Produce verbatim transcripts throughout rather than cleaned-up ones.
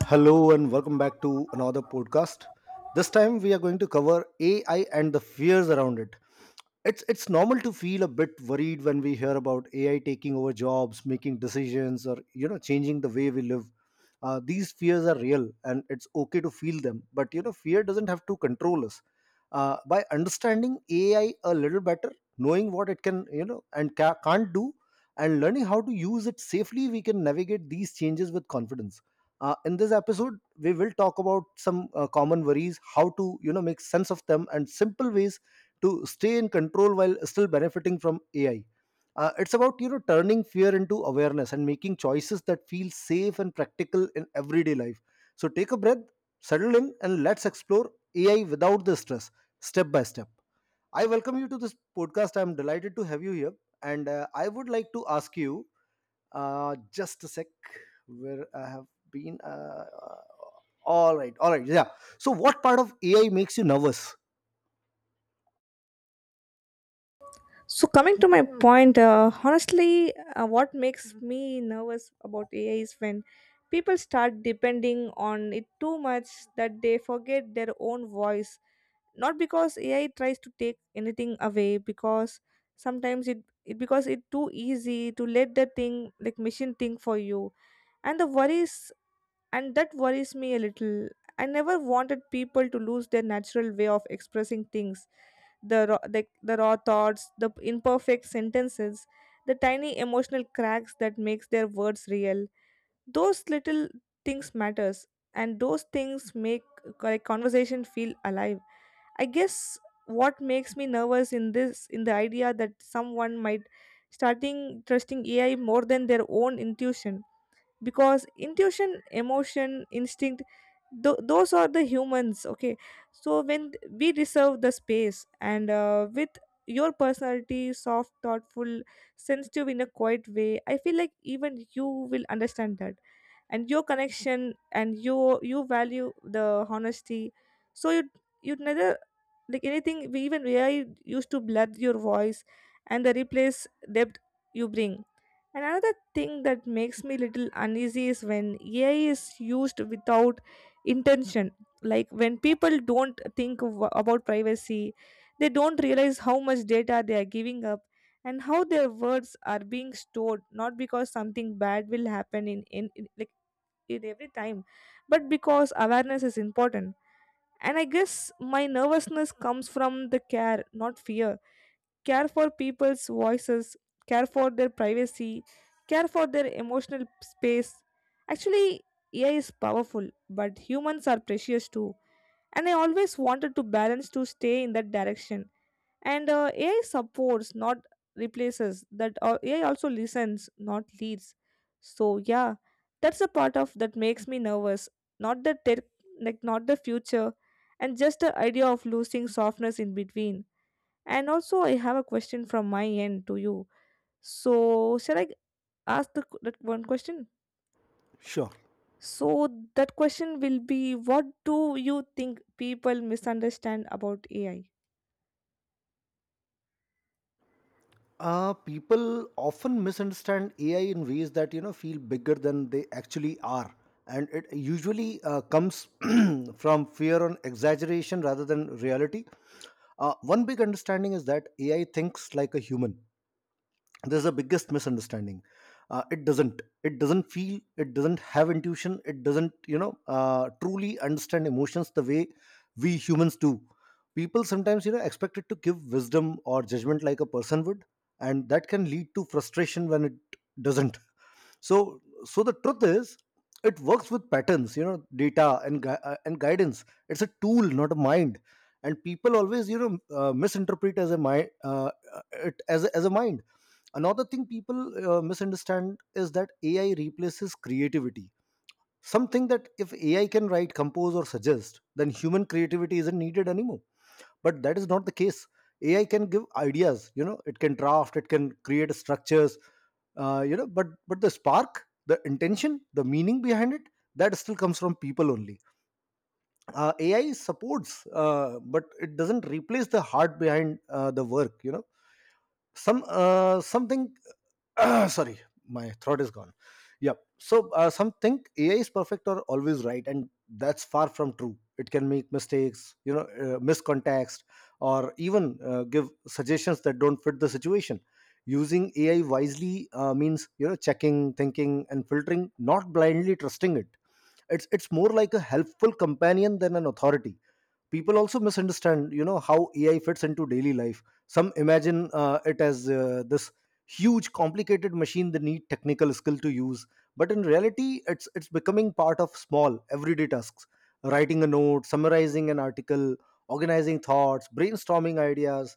Hello and welcome back to another podcast. This time we are going to cover A I and the fears around it. It's it's normal to feel a bit worried when we hear about A I taking over jobs, making decisions, or you know changing the way we live. Uh, these fears are real and it's okay to feel them, but you know fear doesn't have to control us. Uh, by understanding A I a little better, knowing what it can you know and ca- can't do, and learning how to use it safely, we can navigate these changes with confidence. Uh, in this episode, we will talk about some uh, common worries, how to you know make sense of them, and simple ways to stay in control while still benefiting from A I. Uh, it's about you know turning fear into awareness and making choices that feel safe and practical in everyday life. So take a breath, settle in, and let's explore A I without the stress, step by step. I welcome you to this podcast. I'm delighted to have you here, and uh, I would like to ask you, uh, just a sec, where I have been. Uh, uh, all right, all right, yeah. So, what part of A I makes you nervous? So coming to my point, uh, honestly, uh, what makes me nervous about A I is when people start depending on it too much that they forget their own voice. Not because A I tries to take anything away, because sometimes it, it because it's too easy to let the thing like machine think for you. And the worries and that worries me a little. I never wanted people to lose their natural way of expressing things, the raw, the, the raw thoughts, the imperfect sentences, the tiny emotional cracks that makes their words real. Those little things matters, and those things make a conversation feel alive. I guess what makes me nervous in this in the idea that someone might starting trusting A I more than their own intuition, because intuition, emotion, instinct, th- those are the humans. Okay, so when we reserve the space and uh, with your personality, soft, thoughtful, sensitive in a quiet way, I feel like even you will understand that and your connection, and you you value the honesty. So you you neither like anything we even A I used to blur your voice and the replace depth you bring. And another thing that makes me little uneasy is when A I is used without intention. Like when people don't think w- about privacy, they don't realize how much data they are giving up and how their words are being stored, not because something bad will happen in, in, in like in every time, but because awareness is important. And I guess my nervousness comes from the care, not fear. Care for people's voices, care for their privacy, care for their emotional space. Actually, A I is powerful, but humans are precious too. And I always wanted to balance to stay in that direction, and uh, AI supports, not replaces that. uh, AI also listens, not leads. So yeah, that's a part of that makes me nervous, not the tech, like not the future, and just the idea of losing softness in between. And also I have a question from my end to you, so shall I ask the, that one question? Sure. So that question will be, what do you think people misunderstand about AI? Uh, people often misunderstand A I in ways that you know feel bigger than they actually are, and it usually uh, comes from fear on exaggeration rather than reality. Uh, one big understanding is that A I thinks like a human. This is the biggest misunderstanding. Uh, it doesn't it doesn't feel, it doesn't have intuition, it doesn't you know uh, truly understand emotions the way we humans do. People sometimes you know expect it to give wisdom or judgment like a person would, and that can lead to frustration when it doesn't. So so the truth is, it works with patterns, you know data and gui- uh, and guidance. It's a tool, not a mind. And people always you know uh, misinterpret as a mind, uh, uh, it as a, as a mind. Another thing people uh, misunderstand is that AI replaces creativity, something that if AI can write, compose, or suggest, then human creativity isn't needed anymore. But that is not the case. AI can give ideas, you know it can draft, it can create structures. Uh, you know but but the spark, the intention, the meaning behind it, that still comes from people only. uh, AI supports, uh, but it doesn't replace the heart behind uh, the work, you know some uh, something. Ah, sorry, my throat is gone. Yep. So uh, some think AI is perfect or always right, and that's far from true. It can make mistakes, you know uh, miss context, or even uh, give suggestions that don't fit the situation. Using AI wisely uh, means you know checking, thinking, and filtering, not blindly trusting it. It's it's more like a helpful companion than an authority. People also misunderstand you know how AI fits into daily life. Some imagine uh, it as uh, this huge complicated machine they need technical skill to use. But in reality, it's it's becoming part of small everyday tasks, writing a note, summarizing an article, organizing thoughts, brainstorming ideas.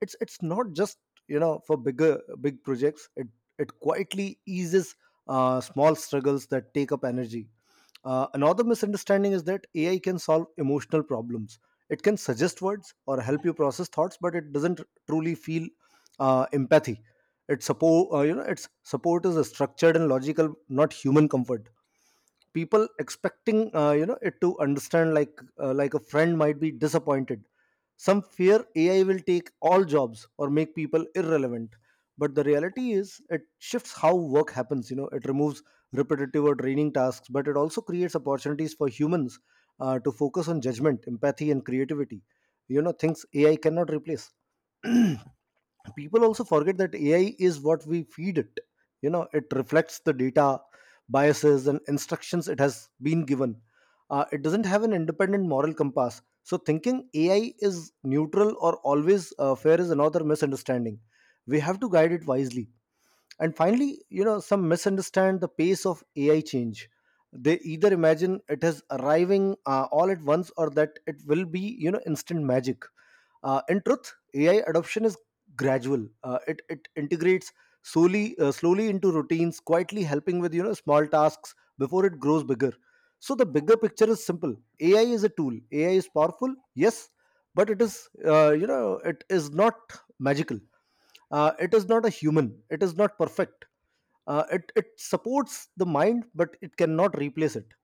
It's it's not just you know for bigger big projects. it it quietly eases uh, small struggles that take up energy. Uh, another misunderstanding is that AI can solve emotional problems. It can suggest words or help you process thoughts, but it doesn't truly feel uh, empathy. Its support uh, you know its support is a structured and logical, not human comfort. People expecting uh, you know it to understand like uh, like a friend might be disappointed. Some fear AI will take all jobs or make people irrelevant, but the reality is, it shifts how work happens. You know it removes repetitive or draining tasks, but it also creates opportunities for humans uh, to focus on judgment, empathy, and creativity, you know things AI cannot replace. People also forget that AI is what we feed it. You know it reflects the data, biases, and instructions it has been given. Uh, it doesn't have an independent moral compass, so thinking AI is neutral or always uh, fair is another misunderstanding. We have to guide it wisely. And finally, you know, some misunderstand the pace of A I change. They either imagine it is arriving uh, all at once, or that it will be, you know, instant magic. Uh, in truth, A I adoption is gradual. Uh, it it integrates slowly uh, slowly into routines, quietly helping with you know small tasks before it grows bigger. So the bigger picture is simple. A I is a tool. A I is powerful, yes, but it is uh, you know it is not magical. Uh, it is not a human. It is not perfect. Uh, it, it supports the mind but it cannot replace it.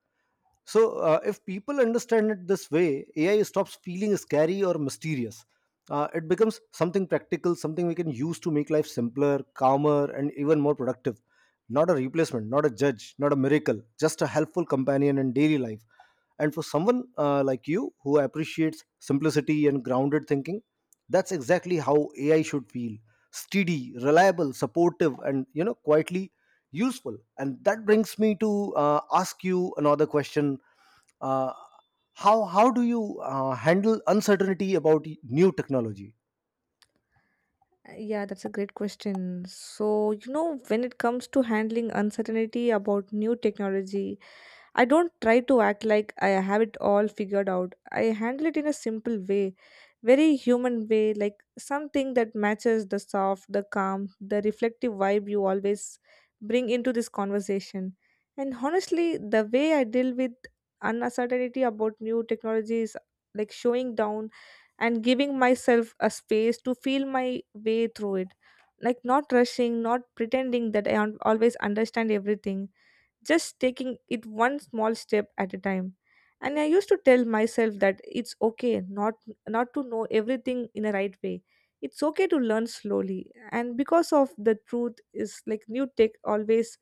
So uh, if people understand it this way, AI stops feeling scary or mysterious. Uh, it becomes something practical, something we can use to make life simpler, calmer, and even more productive. Not a replacement, not a judge, not a miracle, just a helpful companion in daily life. And for someone uh, like you, who appreciates simplicity and grounded thinking, that's exactly how AI should feel: steady, reliable, supportive, and you know quietly useful. And that brings me to uh, ask you another question. Uh, how how do you uh, handle uncertainty about new technology? Uh, Yeah, that's a great question. So, you know, when it comes to handling uncertainty about new technology, I don't try to act like I have it all figured out. I handle it in a simple way, very human way, like something that matches the soft, the calm, the reflective vibe you always bring into this conversation. And honestly, the way I deal with uncertainty about new technology is like showing down and giving myself a space to feel my way through it. Like, not rushing, not pretending that I un- always understand everything, just taking it one small step at a time. And I used to tell myself that it's okay not, not to know everything in a right way. It's okay to learn slowly, and because of the truth is like new tech always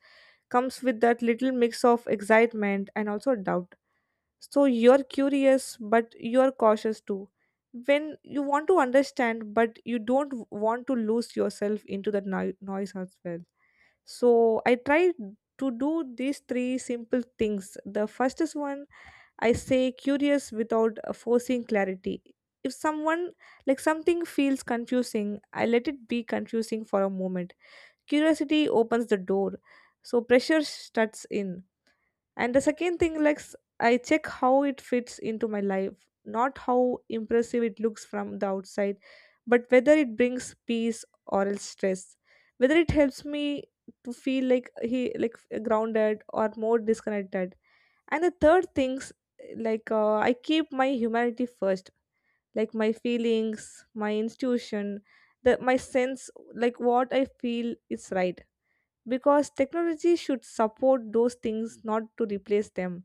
comes with that little mix of excitement and also doubt. So you're curious but you're cautious too, when you want to understand but you don't want to lose yourself into the noi- noise as well. So I try to do these three simple things. The first is one, I say curious without uh, forcing clarity. If someone, like something feels confusing, I let it be confusing for a moment. Curiosity opens the door, so pressure shuts in. And the second thing, like s- I check how it fits into my life, not how impressive it looks from the outside, but whether it brings peace or else stress, whether it helps me to feel like he like grounded or more disconnected. And the third things, like uh, I keep my humanity first, like my feelings, my intuition, the my sense, like what I feel is right, because technology should support those things, not to replace them.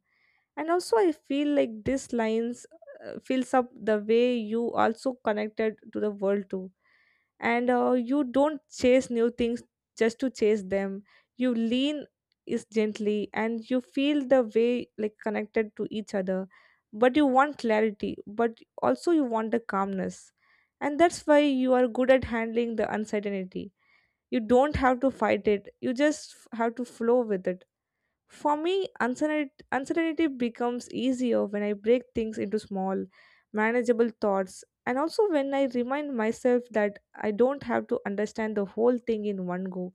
And also I feel like this lines uh, fills up the way you also connected to the world too. And uh, you don't chase new things just to chase them. You lean is gently and you feel the way like connected to each other, but you want clarity but also you want the calmness. And that's why you are good at handling the uncertainty. You don't have to fight it, you just have to flow with it. For me, uncertainty uncertainty becomes easier when I break things into small, manageable thoughts, and also when I remind myself that I don't have to understand the whole thing in one go.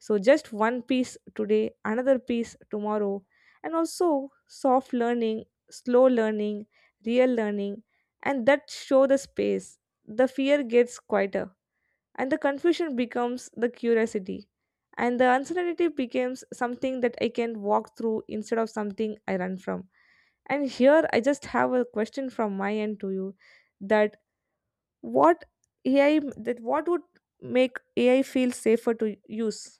So, just one piece today, another piece tomorrow, and also soft learning, slow learning, real learning, and that show the space. The fear gets quieter and the confusion becomes the curiosity and the uncertainty becomes something that I can walk through instead of something I run from. And here I just have a question from my end to you, that what AI, that what would make AI feel safer to use?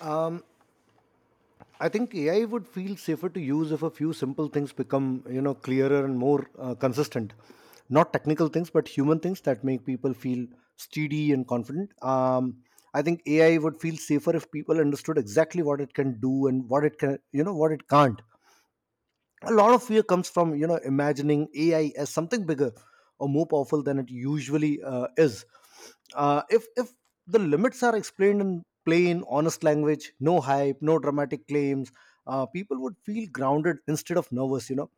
um, I think AI would feel safer to use if a few simple things become you know clearer and more uh, consistent. Not technical things, but human things that make people feel steady and confident. um, I think AI would feel safer if people understood exactly what it can do and what it can you know what it can't. A lot of fear comes from you know imagining AI as something bigger or more powerful than it usually uh, is. Uh, if if the limits are explained in plain, honest language, no hype, no dramatic claims, uh, people would feel grounded instead of nervous, you know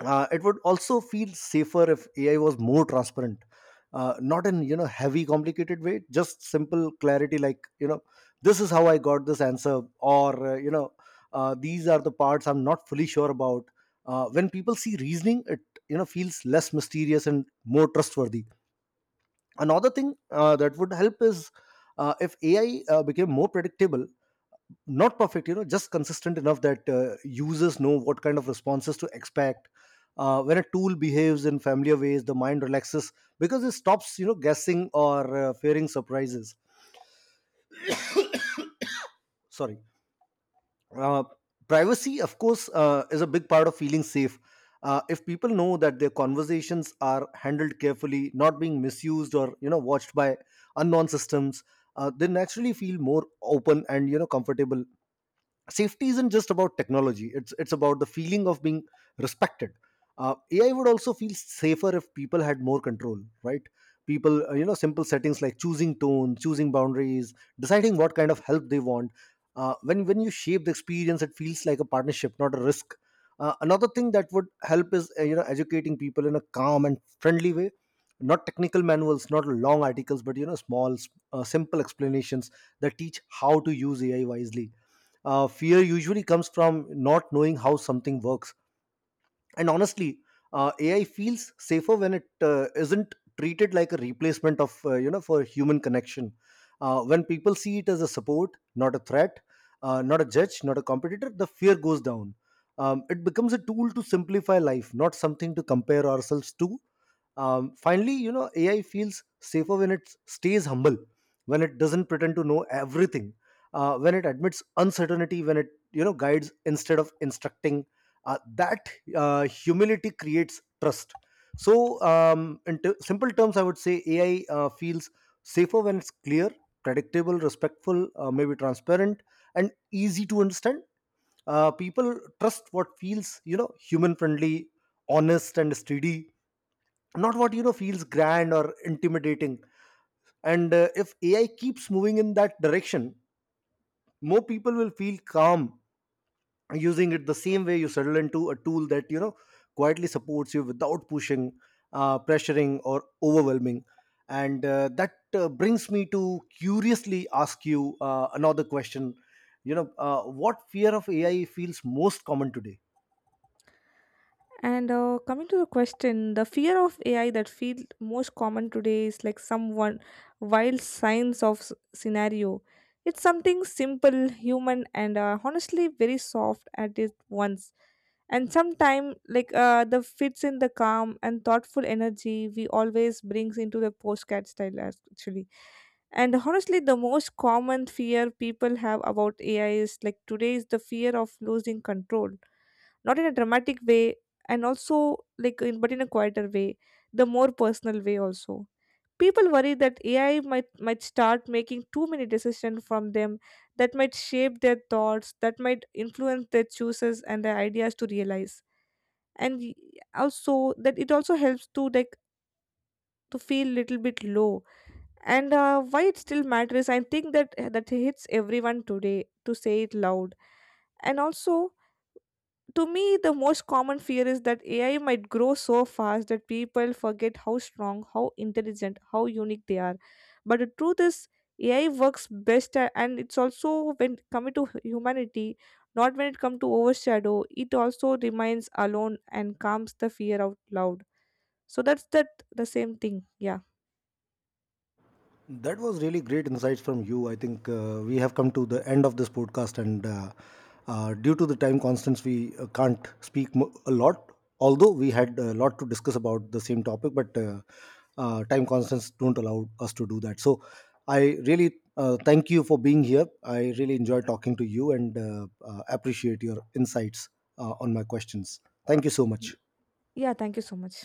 uh, It would also feel safer if AI was more transparent. Uh, not in you know heavy complicated way, just simple clarity, like, you know this is how I got this answer, or, uh, you know uh, these are the parts I'm not fully sure about. Uh, when people see reasoning, it you know feels less mysterious and more trustworthy. Another thing uh, that would help is, uh, if AI uh, became more predictable. Not perfect, you know just consistent enough that uh, users know what kind of responses to expect. Uh, when a tool behaves in familiar ways, the mind relaxes, because it stops you know guessing or uh, fearing surprises. Sorry. uh, Privacy, of course, uh, is a big part of feeling safe. Uh, if people know that their conversations are handled carefully, not being misused or you know watched by unknown systems, uh, they naturally feel more open and you know comfortable. Safety isn't just about technology, it's it's about the feeling of being respected. uh, AI would also feel safer if people had more control, right? People uh, you know simple settings like choosing tone, choosing boundaries, deciding what kind of help they want. Uh, when when you shape the experience, it feels like a partnership, not a risk. Uh, another thing that would help is, uh, you know educating people in a calm and friendly way. Not technical manuals, not long articles, but you know small, uh, simple explanations that teach how to use AI wisely. Uh, fear usually comes from not knowing how something works. And honestly, uh, AI feels safer when it uh, isn't treated like a replacement of uh, you know for human connection. Uh, when people see it as a support, not a threat, uh, not a judge, not a competitor, the fear goes down. Um, it becomes a tool to simplify life, not something to compare ourselves to. Um, finally, you know AI feels safer when it stays humble, when it doesn't pretend to know everything, uh, when it admits uncertainty, when it you know guides instead of instructing. Uh, that uh, humility creates trust. So, um, in t- simple terms, I would say A I uh, feels safer when it's clear, predictable, respectful, uh, maybe transparent, and easy to understand. Uh, people trust what feels, you know, human friendly, honest, and steady, not what, you know, feels grand or intimidating. And uh, if A I keeps moving in that direction, more people will feel calm using it, the same way you settle into a tool that you know quietly supports you without pushing, uh, pressuring, or overwhelming. And uh, that uh, brings me to curiously ask you uh, another question. You know uh, what fear of AI feels most common today? And uh, coming to the question, the fear of A I that feels most common today is like someone wild science of s- scenario. It's something simple, human, and uh, honestly very soft at it once. And sometime like uh, the fits in the calm and thoughtful energy we always brings into the postcard style as- actually. And honestly, the most common fear people have about A I is like today is the fear of losing control, not in a dramatic way, and also like in, but in a quieter way, the more personal way also. People worry that AI might might start making too many decisions from them, that might shape their thoughts, that might influence their choices and their ideas to realize. And y- also that it also helps to like to feel little bit low. And uh, why it still matters, I think that that hits everyone today to say it loud. And also, to me the most common fear is that AI might grow so fast that people forget how strong, how intelligent, how unique they are. But the truth is, AI works best a- and it's also when coming to hu- humanity, not when it comes to overshadow. It also remains alone and calms the fear out loud. So that's that, the same thing. Yeah. That was really great insights from you. I think uh, we have come to the end of this podcast, and uh, uh, due to the time constraints, we uh, can't speak mo- a lot. Although we had a lot to discuss about the same topic, but uh, uh, time constraints don't allow us to do that. So, I really uh, thank you for being here. I really enjoy talking to you and uh, uh, appreciate your insights uh, on my questions. Thank you so Y- much. yeah, thank you so much.